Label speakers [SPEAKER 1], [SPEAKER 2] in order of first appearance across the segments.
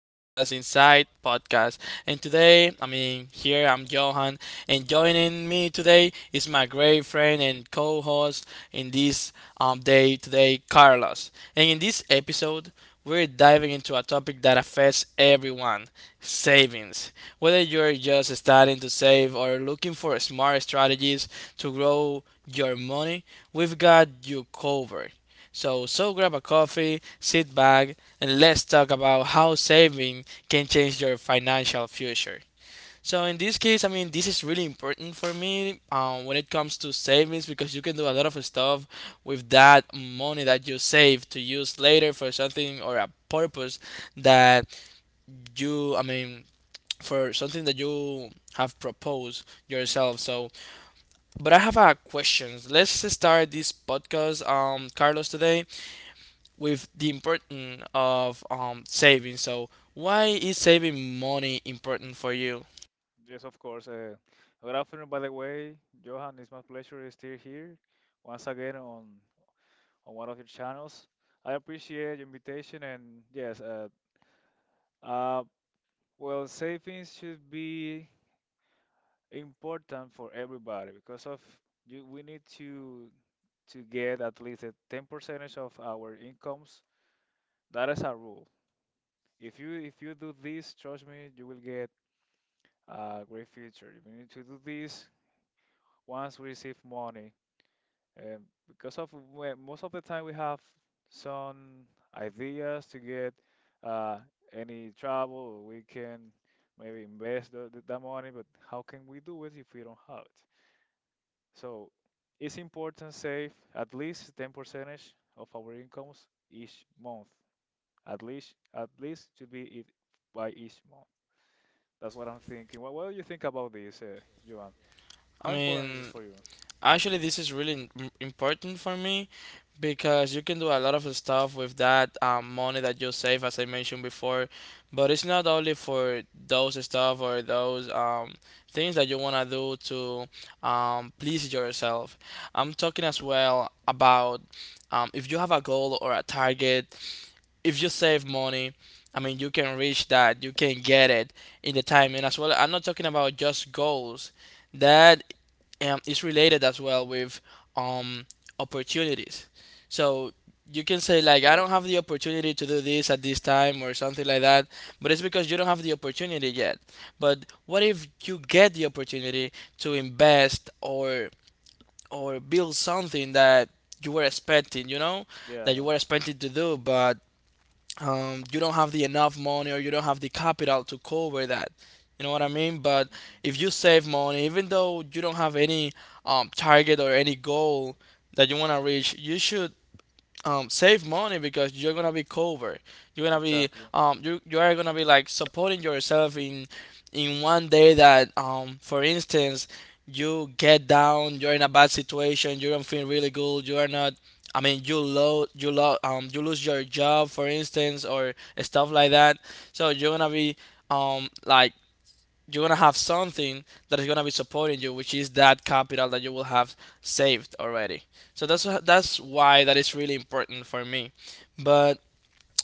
[SPEAKER 1] Inside Podcast. And today, here I'm Johan, and joining me today is my great friend and co-host in this day today, Carlos. And in this episode, we're diving into a topic that affects everyone, savings. Whether you're just starting to save or looking for smart strategies to grow your money, we've got you covered. So grab a coffee, sit back, and let's talk about how saving can change your financial future. So, in this case, this is really important for me when it comes to savings, because you can do a lot of stuff with that money that you save to use later for something or a purpose that you, I mean, for something that you have proposed yourself. So, but I have a question. Let's start this podcast, Carlos, today with the importance of saving. So, why is saving money important for you?
[SPEAKER 2] Yes, of course. Good afternoon, by the way, Johan. It's my pleasure to still here once again on one of your channels. I appreciate your invitation, and yes, uh, well, savings should be important for everybody because of you. We need to get at least a 10 percentage of our incomes. That is a rule. If you do this, trust me, you will get a great future. We need to do this once we receive money. And because of most of the time we have some ideas to get uh, any trouble, we can maybe invest that money, but how can we do it if we don't have it? So it's important save at least 10 percentage of our incomes each month. At least should be it by each month. That's what I'm thinking. What do you think about this, Joan?
[SPEAKER 1] I
[SPEAKER 2] How important is it
[SPEAKER 1] mean,
[SPEAKER 2] for you?
[SPEAKER 1] actually, this is really important for me because you can do a lot of stuff with that money that you save, as I mentioned before. But it's not only for those stuff or those things that you want to do to please yourself. I'm talking as well about, if you have a goal or a target, if you save money, you can reach that, you can get it in the time. And as well, I'm not talking about just goals. That is related as well with um, opportunities. So you can say like, I don't
[SPEAKER 2] Yes.
[SPEAKER 1] have the opportunity to do this at this time or something like that, but it's because you don't have the opportunity yet. But what if you get the opportunity to invest or build something that you were expecting, you know,
[SPEAKER 2] Yeah,
[SPEAKER 1] that you
[SPEAKER 2] yeah.
[SPEAKER 1] were expecting to do, but you don't have the enough money or you don't have the capital to cover that. You know what I mean? But if you save money, even though you don't have any target or any goal that you want to reach, you should save money because you're gonna be covered. You're
[SPEAKER 2] Mhm.
[SPEAKER 1] gonna be,
[SPEAKER 2] Exactly.
[SPEAKER 1] you are gonna be like supporting yourself in one day that for instance, you get down, you're in a bad situation, you don't feel really good, you are not. I mean, you lo you lo you lose your job, for instance, or stuff like that. So you're gonna be, like, you're gonna have something that is gonna be supporting you, which is that capital that you will have saved already. So that's why that is really important for me. But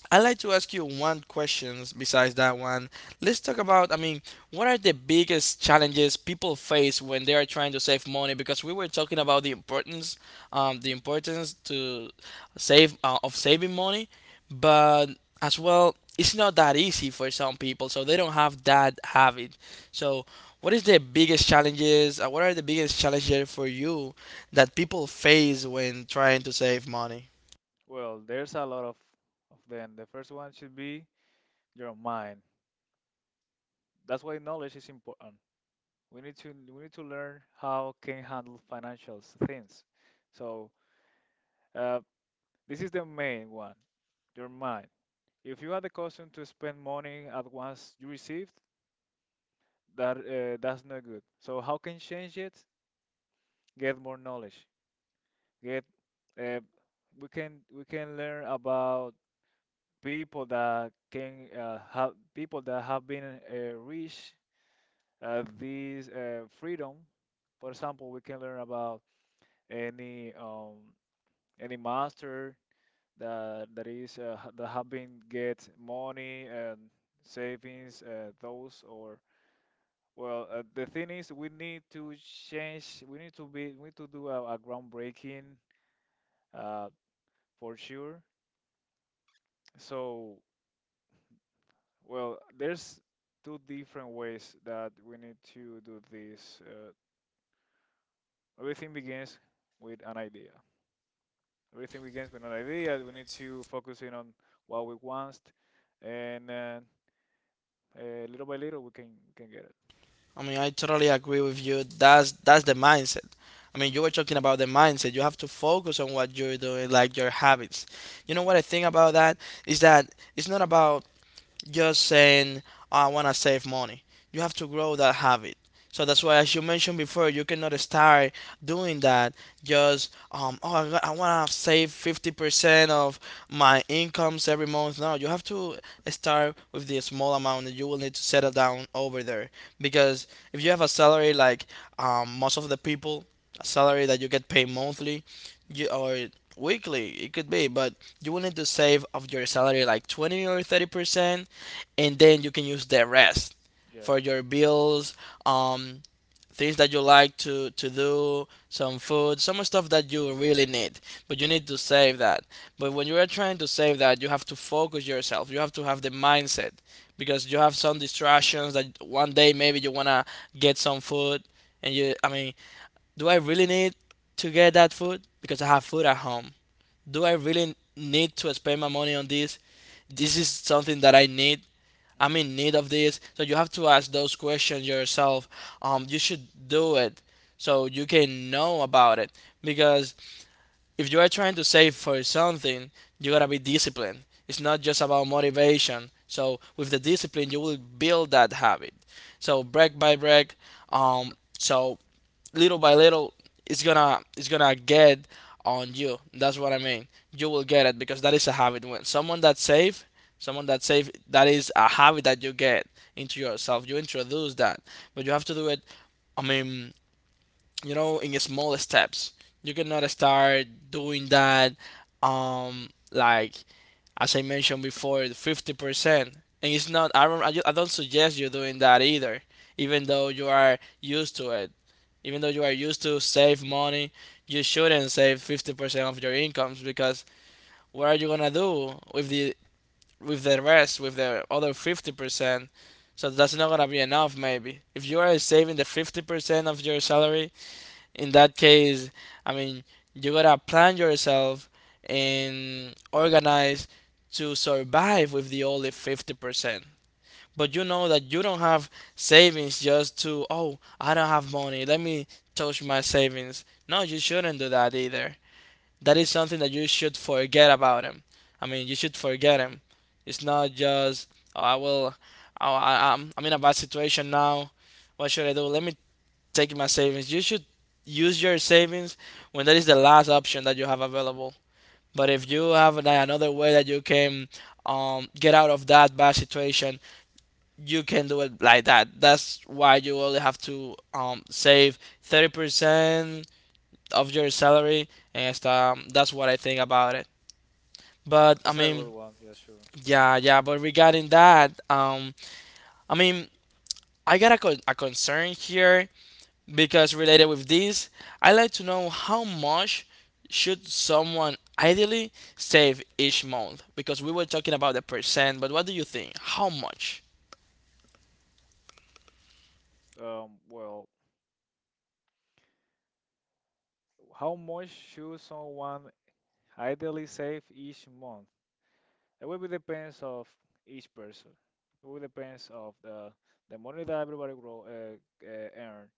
[SPEAKER 1] I'd like to ask you one question besides that one. Let's talk about, what are the biggest challenges people face when they are trying to save money? Because we were talking about the
[SPEAKER 2] Mhm.
[SPEAKER 1] importance to save of saving money, but as well, it's not that easy for some people, so they don't have that habit. So, what is the biggest challenges? What are the biggest challenges for you that people face when trying to save money?
[SPEAKER 2] Well, there's a lot of them. The first one should be your mind. That's why knowledge is important. We need to learn how can handle things. So uh, this is the main one, your mind. If you are accustomed to spend money at once you receive, that's not good, so how can change it, get more knowledge, get, uh, we can learn about people that can, have people that have been, reached this freedom. For example, we can learn about any um, any master that is, that have been get money and savings, those or, well, the thing is, we need to change. We need to be. We need to do a groundbreaking, uh, for sure. So, well, there's two different ways that we need to do this. Everything begins with an idea. Everything begins with an idea. We need to focus in on what we want, and little by little, we can get it.
[SPEAKER 1] I totally agree with you. That's the mindset. I mean, you were talking about the mindset. You have to focus on what you're doing, like your habits. You know what
[SPEAKER 2] Mhm.
[SPEAKER 1] I think about that is that it's not about just saying, "Oh, I want to save money." You have to grow that habit. So that's why,
[SPEAKER 2] Mhm.
[SPEAKER 1] as you mentioned before, you cannot start doing that just oh, I want to save 50% of my incomes every month. No, you have to start with the small amount that you will need to settle down over there. Because if you have a salary like, most of the people, a salary that you get paid monthly, you,
[SPEAKER 2] Mhm.
[SPEAKER 1] or weekly it could be, but you will need to save of your salary like 20 or 30%, and then you can use the rest
[SPEAKER 2] Yeah.
[SPEAKER 1] for your bills, um, things that you like to do, some food, some stuff that you really need, but you need to save that. But when you are trying to save that, you have to focus yourself. You have to have the mindset because you have some distractions, that one day maybe you wanna get some food, and do I really need to get that food because I have food at home? Do I really need to spend my money on this? This is something that I need,
[SPEAKER 2] I
[SPEAKER 1] I'm
[SPEAKER 2] Mm.
[SPEAKER 1] in need of this. So you have to ask those questions yourself. You should do it so you can know about it. Because if you are trying to save for something, you gotta be disciplined. It's not just about motivation. So with the discipline, you will build that habit. So break by break. Um, so little by little, it's gonna get on you. That's what I mean, you will get it, because that is a habit. When someone that save, someone that save, that is a habit that you get into yourself, you introduce that. But you have to do it, i mean you know, in small steps. You cannot start doing that like, as I mentioned before, 50%. And it's not. I don't suggest you doing that either. Even though you are used to it, even though you are used to save money, you shouldn't save 50% of your incomes because what are you gonna do with the, with the rest, with the other 50%? So that's not gonna be enough. Maybe if you are saving the 50% of your salary, in that case, I mean, you gotta plan yourself and organize to survive with the only 50%. But you know that you don't have savings just to, oh, I don't have money, let me touch my savings. No, you shouldn't do that either. That is something that you should forget about him. I mean, you should forget him. It's not just, oh, I will, oh, I'm in a bad situation now. What should I do? Let me taking my savings. You should use your savings when that is the last option that you have available. But if you have like another way that you can get out of that bad situation, you can do it like that. That's why you only have to save 30% of your salary, and that's what I think about it. But
[SPEAKER 2] That's a good one. Yeah, sure.
[SPEAKER 1] yeah, yeah. But regarding that, I mean, I got a a concern here. Because related with this, I like to know, how much should someone ideally save each month? Because we were talking about the percent, but what do you think? How much?
[SPEAKER 2] Well, how much should someone ideally save each month? It will be depends of each person. It will depends of the money that everybody grow, earn.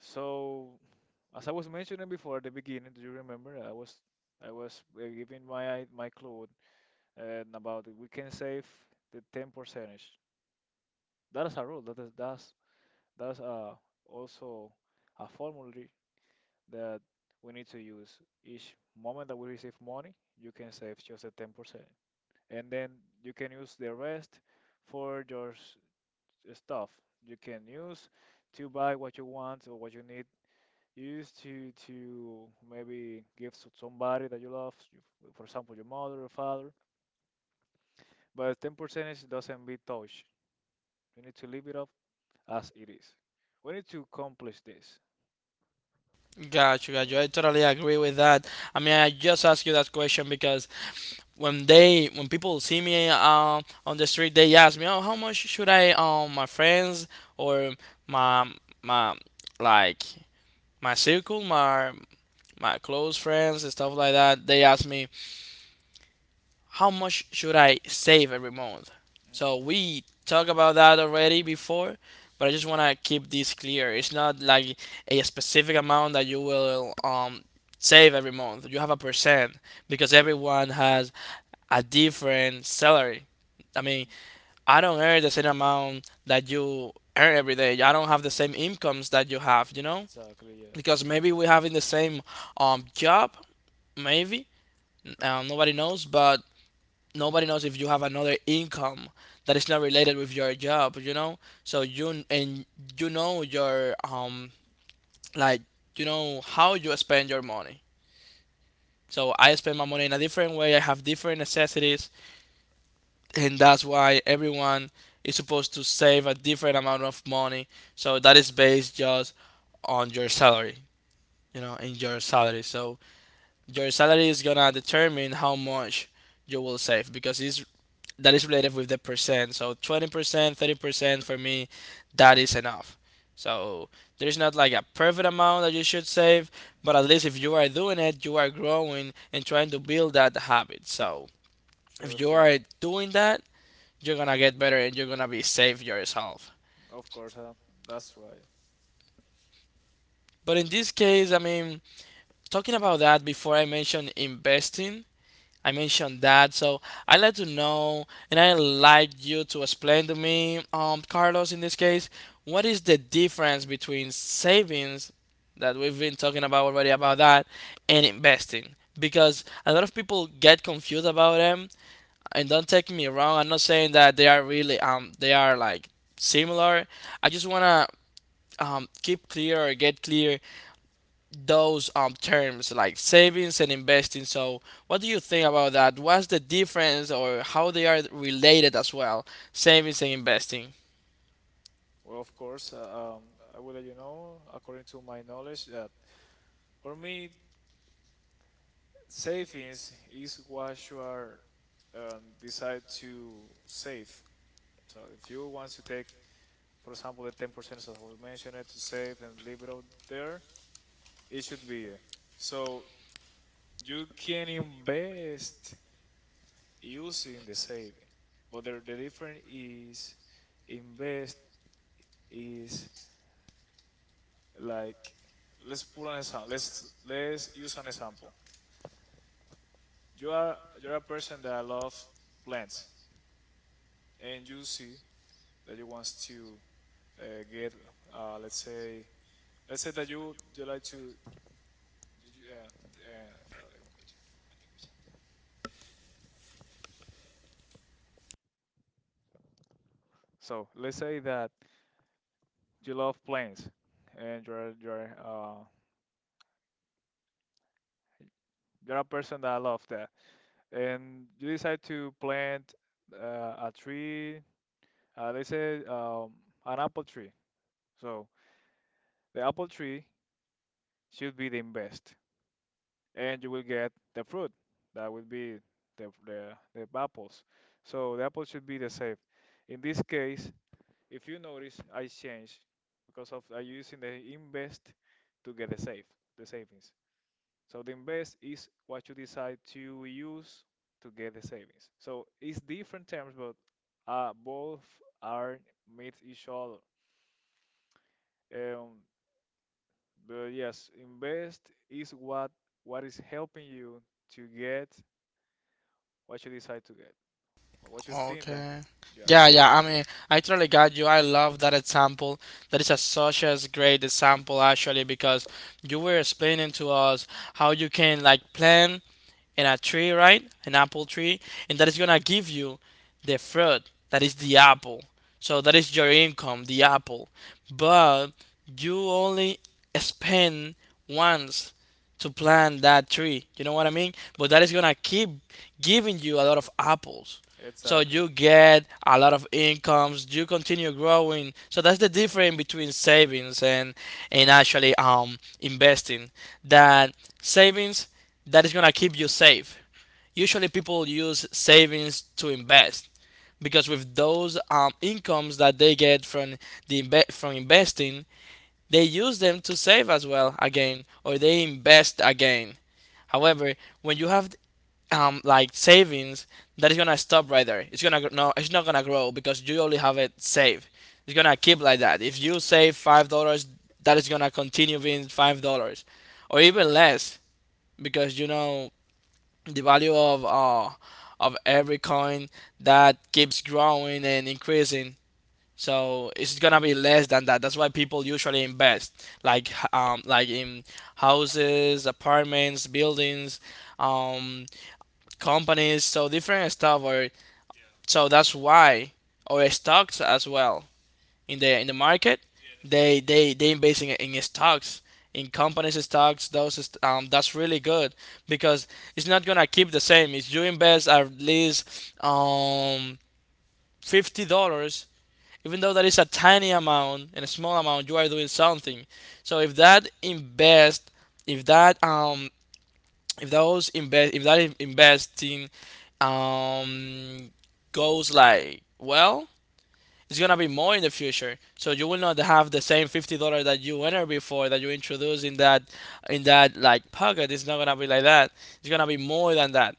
[SPEAKER 2] So, as I was mentioning before at the beginning, do you remember? I was giving my clue about we can save the ten percentage. That is a rule. That is that's Also a formula that we need to use. Each moment that we receive money, you can save just a 10%. And then you can use the rest for stuff. You can use to buy what you want or what you need. Use to maybe give to somebody that you love, for example, your mother or father. But 10% is, doesn't be touched. You need to leave it up as it is. We need to accomplish this.
[SPEAKER 1] Gotcha, gotcha.
[SPEAKER 2] No.
[SPEAKER 1] I totally agree with that. I mean, I just asked you that question because when they, when people see me on the street, they ask me, "Oh, how much should I, my friends or my my like my circle, my close friends and stuff like that?" They ask me, how much should I save every month?
[SPEAKER 2] So
[SPEAKER 1] So
[SPEAKER 2] mhm,
[SPEAKER 1] we talked about that already before, but I just want to keep this clear. It's not like a specific amount that you will save every month. You have a percent because everyone has a different salary. I mean,
[SPEAKER 2] mhm.
[SPEAKER 1] I don't earn the same amount that you earn every day. I don't have the same incomes that you have, you know?
[SPEAKER 2] Exactly, yeah.
[SPEAKER 1] Because maybe we have in the same job, maybe. Nobody knows, but nobody knows if you have another income that is not related with your job, you know? So you,
[SPEAKER 2] Mhm.
[SPEAKER 1] and you know your, um, like, you know how you spend your money. So I spend my money in a different way, I have different necessities, and that's why everyone is supposed to save a different amount of money. So that is based just on your salary, you know, in your salary. So your salary is gonna determine how much you will save, because it's, that is related with the percent. So 20%, 30% for me, that is enough. So there's not like a perfect amount that you should save, but at least if you are doing it, you are growing and trying to build that habit. So
[SPEAKER 2] Sure
[SPEAKER 1] if you
[SPEAKER 2] thing.
[SPEAKER 1] are doing that, you're gonna get better and you're gonna be safe yourself.
[SPEAKER 2] Of course, that's right.
[SPEAKER 1] But in this case, talking about that before, I mentioned investing, I mentioned that, so I'd like to know, and I'd like you to explain to me, Carlos, in this case, what is the difference between savings that we've been talking about already about that, and investing? Because a lot of people get confused about them, and don't take me wrong, I'm not saying that they are really they are like similar. I just wanna keep clear or get clear those terms like savings and investing. So, what do you think about that? What's the difference or how they are related as well, savings and investing?
[SPEAKER 2] Well, of course, I will let you know, according to my knowledge, that for me, savings is what you are, decide to save. So if you want to take, for example, the 10% as I was mentioned, to save and leave it out there, it should be. It. So you can invest using the saving, but the difference is invest is like, let's put an example. Let's use an example. You are you're a person that love plants, and you see that you want to uh, get, uh, let's say let's say that you like to you, uh, espérate, como coño. So let's say that you love plants, and you're a person that love that, and you decide to plant a tree, let's say an apple tree. So the apple tree should be the best, and you will get the fruit that will be the, the, the apples. So the apple should be the safe. In this case, if you notice, I change because of I using the invest to get the safe, the savings. So the invest is what you decide to use to get the savings. So it's different terms, but both are meet each other. Um, but yes, invest is what is helping you to get what you decide to get, or what you think that.
[SPEAKER 1] Okay.
[SPEAKER 2] Yeah,
[SPEAKER 1] Yeah, yeah, I mean, I totally got you. I love that example. That is a such as great example actually because you were explaining to us how you can like plant in a tree, right? An apple tree, and that is gonna give you the fruit that is the apple. So that is your income, the apple. But you only spend once to plant that tree. You know what I mean? But that is gonna keep giving you a lot of apples, so
[SPEAKER 2] exactly.
[SPEAKER 1] you get a lot of incomes, you continue growing. So that's the difference between savings and actually investing. That savings that is going to keep you safe, usually people use savings to invest because with those incomes that they get from from investing, they use them to save as well again, or they invest again. However, when you have like savings, that is gonna stop right there. No, it's not gonna grow because you only have it saved. It's gonna keep like that. If you save $5, that is gonna continue being $5, or even less, because you know the value of every coin that keeps growing and increasing. So it's gonna be less than that. That's why people usually invest like like in houses, apartments, buildings, um companies, so different stuff. Or so that's why, or stocks as well in the market, they they invest in stocks, in companies stocks. That's really good because it's not gonna keep the same. If you invest at least $50. Even though that is a tiny amount and a small amount, you are doing something. So if that um if that in- investing um goes like well, it's gonna be more in the future, so you will not have the same $50 that you entered before, that you introduced in that, in that like pocket. It's not gonna be like that. It's gonna be more than that,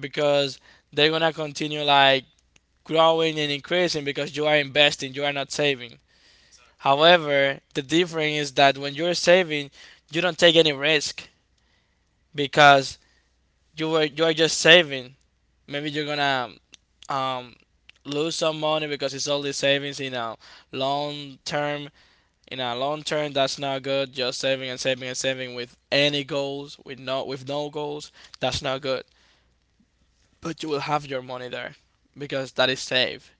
[SPEAKER 1] because they're gonna continue like growing and increasing, because you are investing, you are not saving. However, the difference is that when you're saving, you don't take any risk, because you are just saving. Maybe you're gonna um, lose some money because it's all the savings in a long term. In a long term, that's not good. Just saving and saving and saving with any goals, with no goals, that's not good. But you will have your money there because that is safe.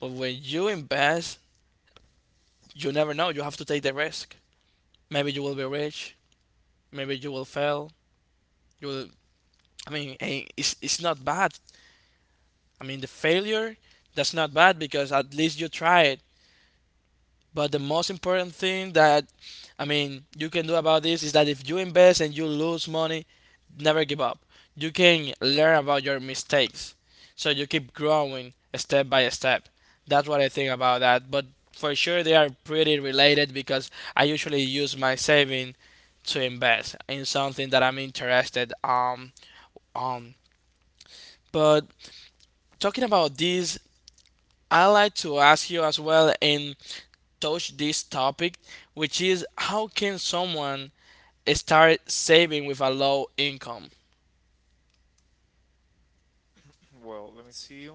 [SPEAKER 1] But when you invest, you never know. You have to take the risk. Maybe you will be rich. Maybe you will fail. You will. I mean, it's not bad. I mean, the failure, that's not bad because at least you tried. But the most important thing that, I mean, you can do about this is that if you invest and you lose money, never give up. You can learn about your mistakes. So you keep growing step by step. That's what I think about that. But for sure they are pretty related, because I usually use my saving to invest in something that I'm interested on. But talking about this, I like to ask you as well, in touch this topic, which is how can someone start saving with a low income?
[SPEAKER 2] Well, let me see.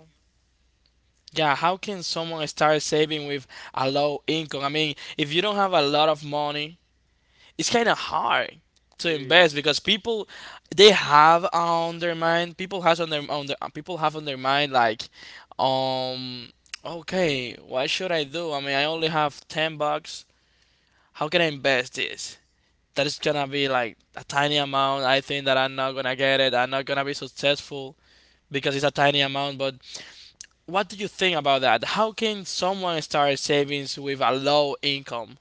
[SPEAKER 1] Yeah, how can someone start saving with a low income? I mean, if you don't have a lot of money, it's kind of hard
[SPEAKER 2] It
[SPEAKER 1] to invest
[SPEAKER 2] is.
[SPEAKER 1] because people they have on their mind people have on their mind like, um okay, what should I do? I mean, I only have 10 bucks. How can I invest this? That is gonna be like a tiny amount. I think that I'm not gonna get it. I'm not gonna be successful because it's a tiny amount. But what do you think about that? How can someone start savings with a low income?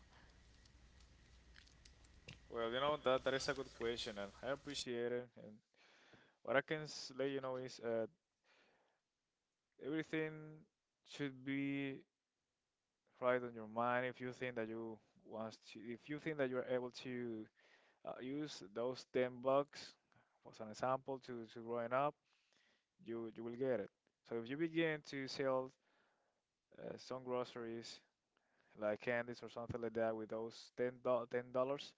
[SPEAKER 2] Well, you know that that is a good question, and I appreciate it. And what I can let you know is, everything should be right on your mind. If you think that you want to, if you think that you're able to use those 10 bucks as an example to growing up, you will get it. So if you begin to sell some groceries like candies or something like that with those ten ten dollars,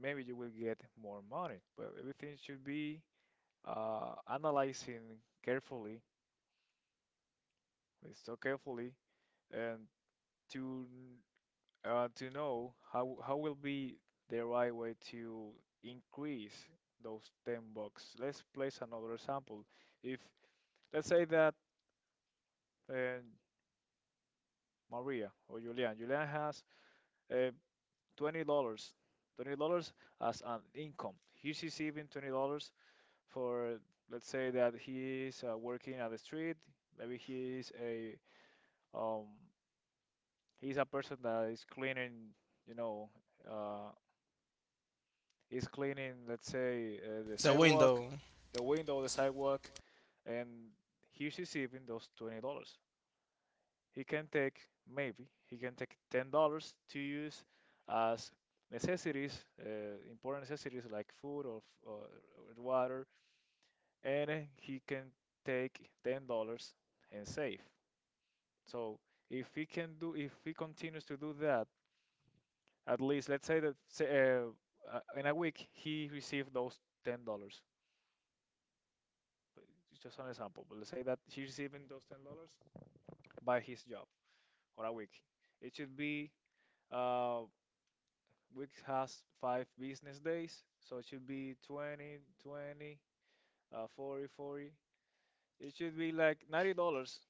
[SPEAKER 2] maybe you will get more money. But everything should be analyzing carefully, with so carefully, and to, to know how will be the right way to increase those 10 bucks. Let's place another example. If let's say that, uh, Maria or Julian, Julian has uh, $20, dollars, $20 as an income. He's receiving $20 for, let's say that he is working at the street. Maybe he is a, um, he's a person that is cleaning, you know, uh, is cleaning, let's say, the
[SPEAKER 1] The
[SPEAKER 2] sidewalk,
[SPEAKER 1] window.
[SPEAKER 2] the window, the sidewalk, and he's receiving those $20. He can take, maybe, he can take $10 to use as necessities, important necessities like food or water, and he can take $10 and save. So if he can do, if he continues to do that, at least let's say that say, uh, in a week he received those $10, just an example. But let's say that he's receiving those $10 by his job or a week. It should be, uh week has 5 business days, so it should be 20, twenty, 40, forty. It should be like $90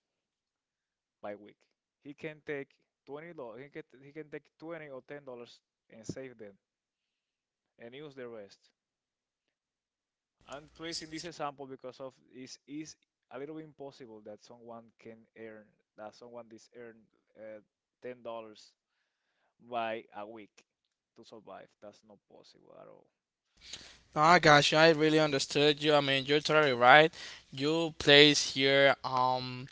[SPEAKER 2] by week. He can take $20. He can take $20 or $10 and save them and use the rest. I'm placing this example because of is a little bit impossible that someone can earn that someone this earn, uh, $10 by a week to survive. That's not possible at all.
[SPEAKER 1] Ah gosh, I really understood you. I mean, you're totally right. You place here,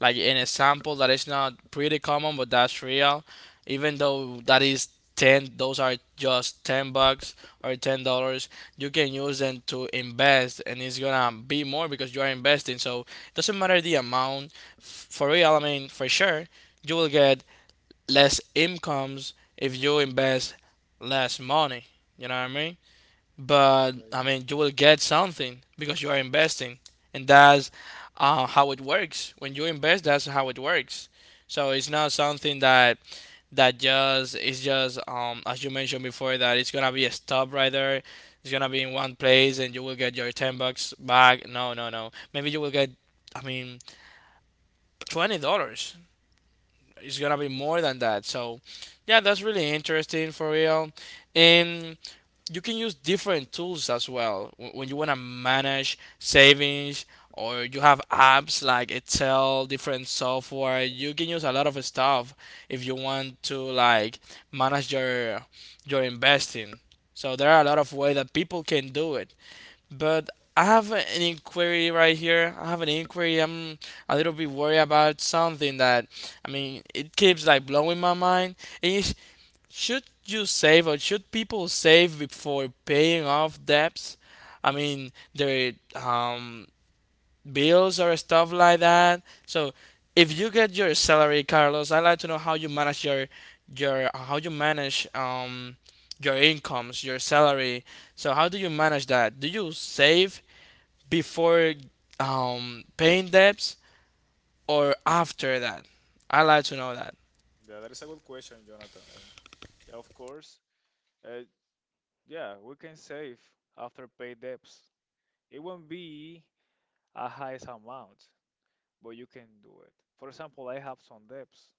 [SPEAKER 1] like an example that is not pretty common, but that's real. Even though that is 10, those are just 10 bucks or $10, you can use them to invest and it's gonna be more because you are investing. So it doesn't matter the
[SPEAKER 2] Mhm.
[SPEAKER 1] amount. For real, I mean, for sure, you will get less incomes if you invest less money. You know what I mean? But
[SPEAKER 2] Yeah,
[SPEAKER 1] I mean, you will get something because you are investing, and that's how it works. When you invest, that's how it works. So it's not something that that just is just as you mentioned before, that it's gonna be a stop right there. It's gonna be in one place, and you will get your $10 back. No, no, no. Maybe you will get, I mean, $20. It's gonna be more than that. So, yeah, that's really interesting for real. And you can use different tools as well when you want to manage savings, or you have apps like Excel, different software. You can use a lot of stuff if you want to like manage your investing. So there are a lot of ways that people can do it. But I have an inquiry right here. I have an inquiry. I'm a little bit worried about something that, I mean, it keeps like blowing my mind. And it's, should you save, or should people save before paying off debts? I mean, their bills or stuff like that. So, if you get your salary, Carlos, I'd like to know how you manage your how you manage your incomes, your salary. So, how do you manage that? Do you save before paying debts or after that? I'd like to know that.
[SPEAKER 2] yeah, that is a good question, Jonathan. And yeah, of course, uh, yeah, we can save after pay debts. It won't be a highest amount, but you can do it. For example, I have some debts,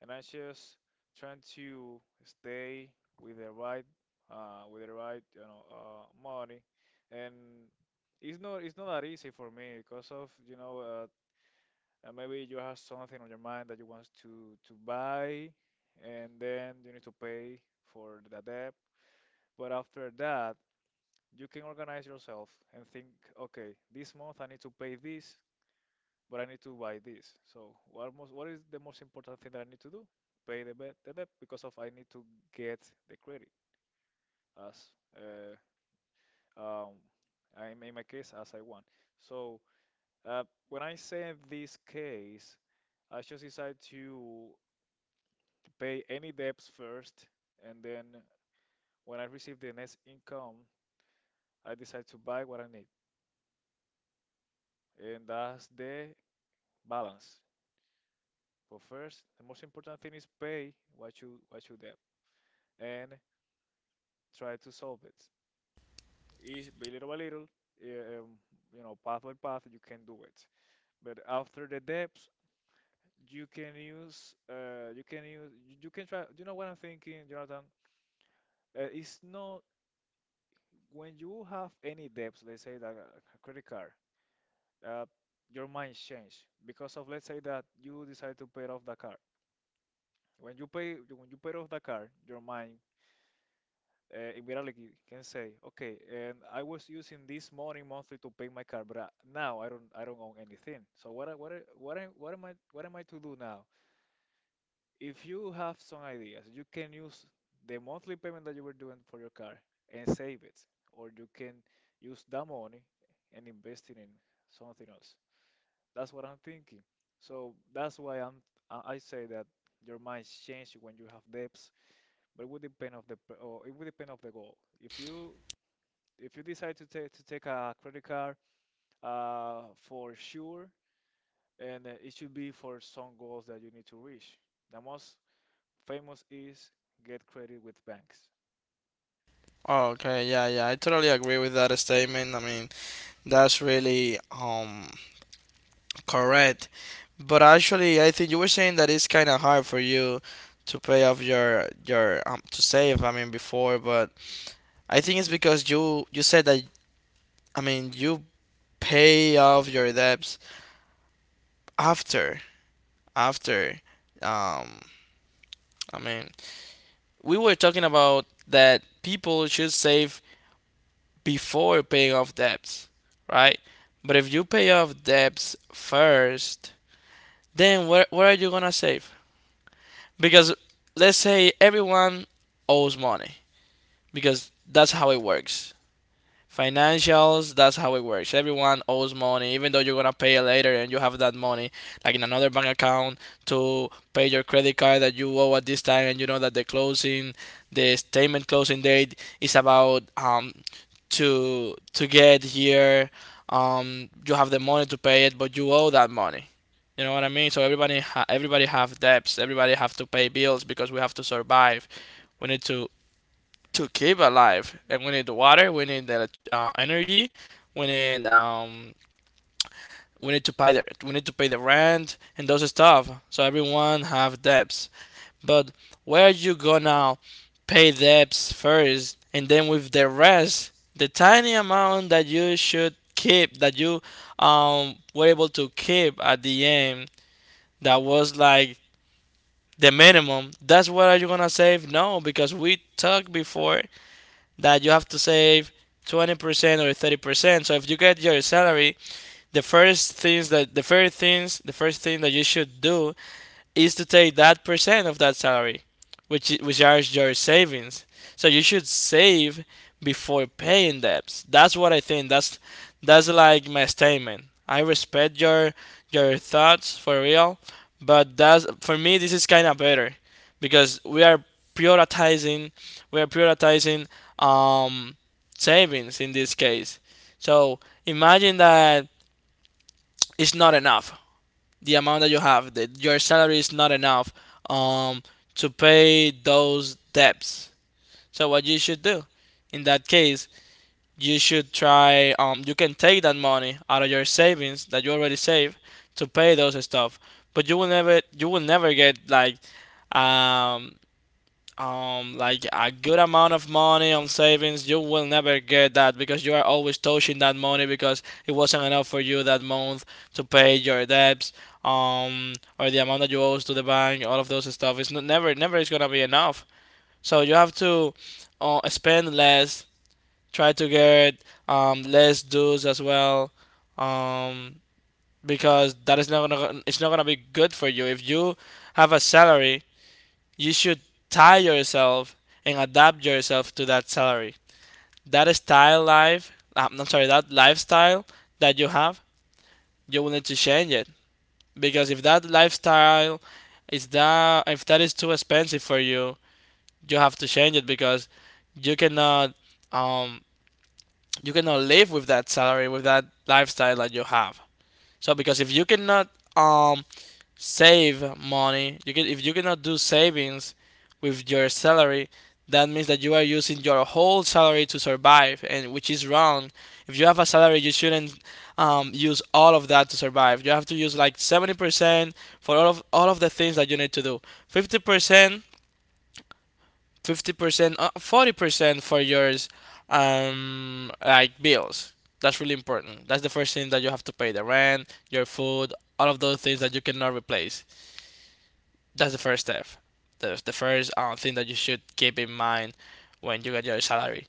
[SPEAKER 2] and I just trying to stay with the right, with the right, you know money and it's not that easy for me because of you know, maybe you have something on your mind that you want to buy, and then you need to pay for the debt, but after that you can organize yourself and think, okay, this month I need to pay this, but I need to buy this. So what most what is the most important thing that I need to do? Pay the debt because of I need to get the credit as, uh, um, I in my case as I want. So, uh, when I say this case, I just decide to pay any debts first, and then when I receive the next income, I decide to buy what I need, and that's the balance. But first, the most important thing is pay what you debt. And try to solve it. Each, by little, eh, um, you know, path by path, you can do it. But after the depths, you can use, you can try. You know what I'm thinking, Jonathan? It's not when you have any debts, let's say that a credit card, uh, your mind change because of let's say that you decide to pay off the car. When you pay off the car, your mind, immediately you can say, okay, and I was using this money monthly to pay my car, but I, now I don't own anything. So what am I, what am I to do now? If you have some ideas, you can use the monthly payment that you were doing for your car and save it, or you can use that money and invest it in something else. That's what I'm thinking. So that's why I say that your mind changes when you have debts, but it would depend of the or it would depend of the goal. If you decide to take a credit card, for sure, and it should be for some goals that you need to reach. The most famous is get credit with banks.
[SPEAKER 1] Oh, okay, yeah, yeah, I totally agree with that statement. I mean, that's really correct. But actually, I think you were saying that it's kind of hard for you to pay off your to save. I mean before, but I think it's because you said that, I mean, you pay off your debts after after um I mean, we were talking about that people should save before paying off debts, right? But if you pay off debts first, then where are you gonna save? Because let's say everyone owes money, because that's how it works. Financials, that's how it works. Everyone owes money, even though you're gonna pay it later and you have that money, like in another bank account, to pay your credit card that you owe at this time, and you know that the closing, the statement closing date is about to get here. You have the money to pay it, but you owe that money. You know what I mean? So everybody, everybody have debts. Everybody have to pay bills because we have to survive. We need to keep alive. And we need the water, we need the energy, we need um, we need to pay the we need to pay the rent and those stuff. So everyone have debts. But where you gonna pay debts first, and then with the rest, the tiny amount that you should keep, that you were able to keep at the end, that was like the minimum, that's what are you gonna save? No, because we talked before that you have to save 20% or 30%. So if you get your salary, the first thing that you should do is to take that percent of that salary, which are your savings. So you should save before paying debts. That's what I think. That's like my statement. I respect your thoughts for real, but that's, for me, this is kind of better, because we are prioritizing, we are prioritizing um savings in this case. So imagine that it's not enough the amount that you have. That your salary is not enough um, to pay those debts. So what you should do in that case, you should try. You can take that money out of your savings that you already saved to pay those stuff, but you will never get like um, like a good amount of money on savings. You will never get that because you are always touching that money because it wasn't enough for you that month to pay your debts, um or the amount that you owe to the bank, all of those stuff. It's not, never, never is gonna be enough. So you have to spend less, try to get less dues as well, um because that is not gonna it's not gonna be good for you. If you have a salary, you should tie yourself and adapt yourself to that salary. That style life, I'm I sorry, That lifestyle that you have, you will need to change it. Because if that lifestyle is that if that is too expensive for you, you have to change it, because you cannot um you cannot live with that salary with that lifestyle that you have. So because if you cannot um save money. You can, if you cannot do savings with your salary, that means that you are using your whole salary to survive, and which is wrong. If you have a salary, you shouldn't use all of that to survive. You have to use like 70% for all of the things that you need to do. Fifty percent, 50%, 40% for yours, like bills. That's really important. That's the first thing that you have to pay: the rent, your food, all of those things that you cannot replace. That's the first step. The first thing that you should keep in mind when you get your salary,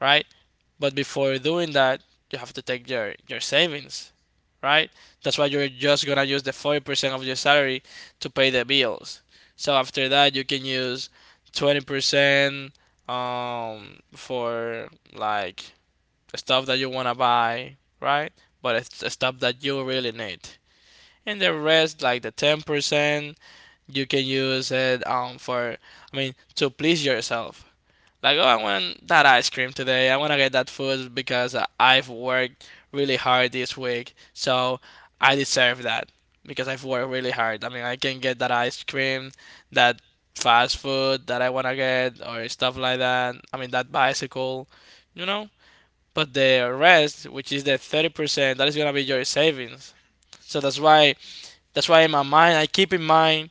[SPEAKER 1] right? But before doing that, you have to take your savings, right? That's why you're just gonna use the 40% of your salary to pay the bills. So after that, you can use 20% for like stuff that you wanna buy, right? But it's the stuff that you really need. And the rest, like the 10%, you can use it for, to please yourself. Like, oh, I want that ice cream today. I want to get that food because I've worked really hard this week. So I deserve that because I've worked really hard. I mean, I can get that ice cream, that fast food that I want to get, or stuff like that. I mean that bicycle, you know? But the rest, which is the 30%, that is going to be your savings. So that's why in my mind I keep in mind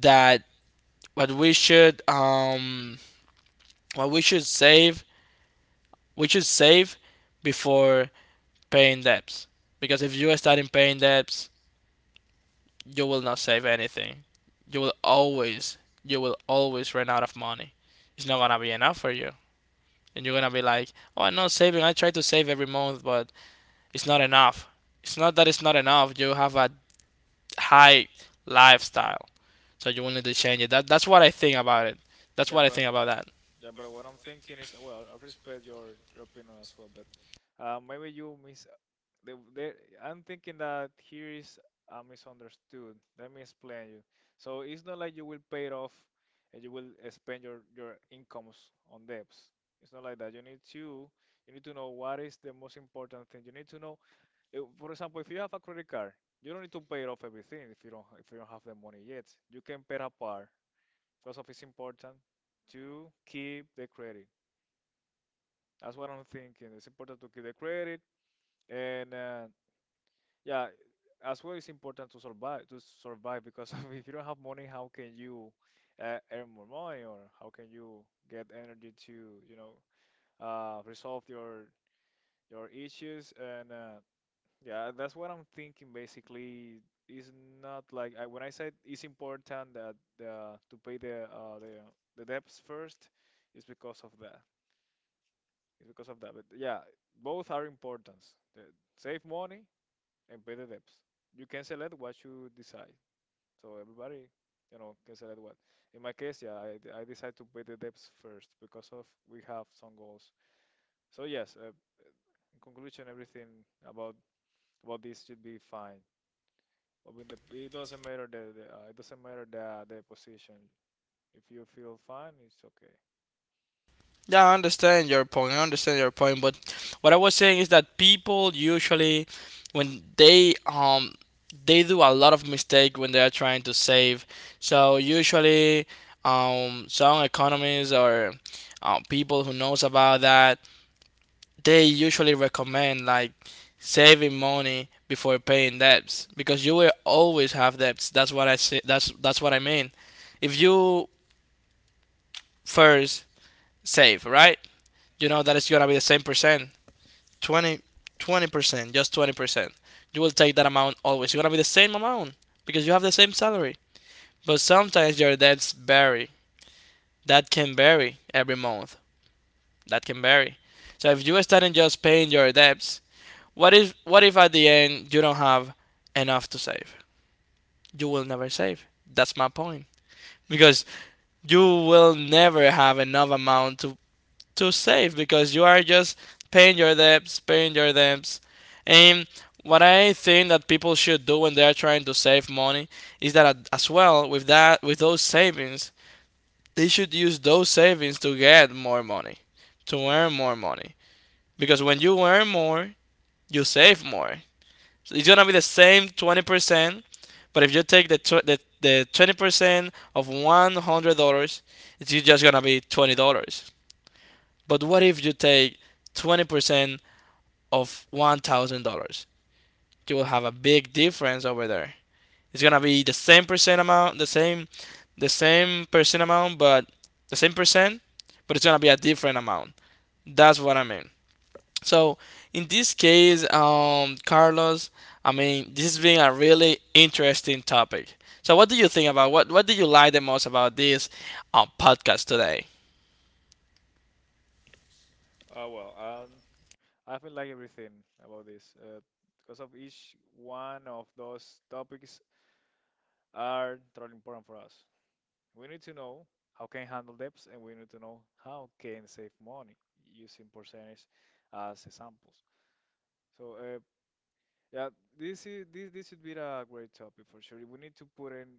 [SPEAKER 1] that what we should um what we should save, we should save before paying debts. Because if you are starting paying debts, you will not save anything. you will always you will always run out of money. It's not gonna be enough for you, and you're gonna be like, oh, I'm not saving, I try to save every month, but it's not enough. It's not that it's not enough, you have a high lifestyle, so you will need to change it. That's what I think about it. That's
[SPEAKER 2] Yeah,
[SPEAKER 1] what I
[SPEAKER 2] but
[SPEAKER 1] think about that.
[SPEAKER 2] yeah, but what I'm thinking is, well, I respect your opinion as well, but maybe you miss The, the, I'm thinking that here is, misunderstood. Let me explain you. So it's not like you will pay it off and you will, spend your incomes on debts. It's not like that. You need to know what is the most important thing. You need to know, for example, if you have a credit card, you don't need to pay it off everything if you don't have the money yet. You can pay it apart because of it's important to keep the credit. That's what I'm thinking. It's important to keep the credit, and yeah, as well, it's important to survive because if you don't have money, how can you, earn more money, or how can you get energy to, you know, resolve your issues? And yeah, that's what I'm thinking basically. It's not like I, when I said it's important that, to pay the debts first, it's because of that. It's because of that. But yeah, both are important. The, Save money and pay the debts. You can select what you decide. So everybody, you know, can select what. In my case, yeah, I decided to pay the debts first because of we have some goals. So yes, in conclusion, everything about this should be fine. But when the, it doesn't matter the it doesn't matter the position. If you feel fine, it's okay.
[SPEAKER 1] Yeah, I understand your point. I understand your point, but what I was saying is that people usually, when they do a lot of mistake when they are trying to save. So usually, some economists or people who knows about that, they usually recommend like saving money before paying debts because you will always have debts. That's what I say. That's what I mean. If you first save, right? You know that it's gonna be the same percent. Twenty, 20%, just 20%, you will take that amount always. You're gonna be the same amount because you have the same salary. But sometimes your debts vary. That can vary every month. That can vary. So if you are starting just paying your debts, what if at the end you don't have enough to save? You will never save. That's my point. Because you will never have enough amount to save because you are just paying your debts, paying your debts. And what I think that people should do when they are trying to save money is that, as well, with that, with those savings, they should use those savings to get more money, to earn more money. Because when you earn more, you save more. So it's gonna be the same 20%, but if you take the tw- the 20% of $100, it's just gonna be $20. But what if you take 20% of $1,000? You will have a big difference over there. It's gonna be the same percent amount, the same percent amount, but the same percent, but it's gonna be a different amount. That's what I mean. So in this case, Carlos, I mean, this has been a really interesting topic. So what do you like the most about this podcast today?
[SPEAKER 2] Uh, well, um, I feel like everything about this, because of each one of those topics are totally important for us. We need to know how can handle debts, and we need to know how can save money using percentage as examples. So yeah, this is this should be a great topic for sure. We need to put in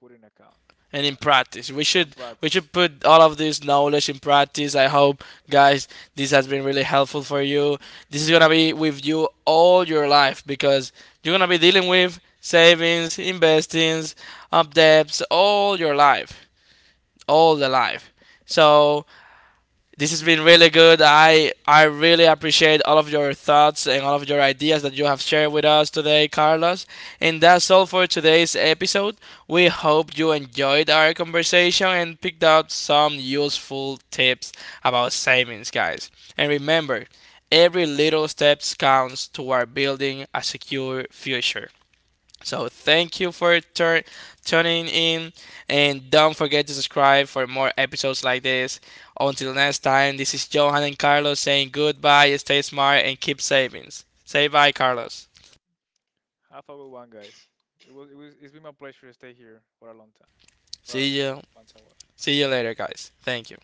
[SPEAKER 2] put in account.
[SPEAKER 1] And in
[SPEAKER 2] Yeah,
[SPEAKER 1] practice.
[SPEAKER 2] and
[SPEAKER 1] We
[SPEAKER 2] practice.
[SPEAKER 1] should put all of this knowledge in practice. I hope, guys, this has been really helpful for you. This is gonna be with you all your life because you're gonna be dealing with savings, investings, up debts all your life. All the life. So this has been really good. I really appreciate all of your thoughts and all of your ideas that you have shared with us today, Carlos. And that's all for today's episode. We hope you enjoyed our conversation and picked out some useful tips about savings, guys. And remember, every little step counts toward building a secure future. So thank you for tuning in, and don't forget to subscribe for more episodes like this. Until next time, this is Johan and Carlos saying goodbye. Stay smart and keep savings. Say bye, Carlos.
[SPEAKER 2] Have a good one, guys. It's been my pleasure to stay here for a long time, for a
[SPEAKER 1] See you.
[SPEAKER 2] long time.
[SPEAKER 1] See you later, guys. Thank you.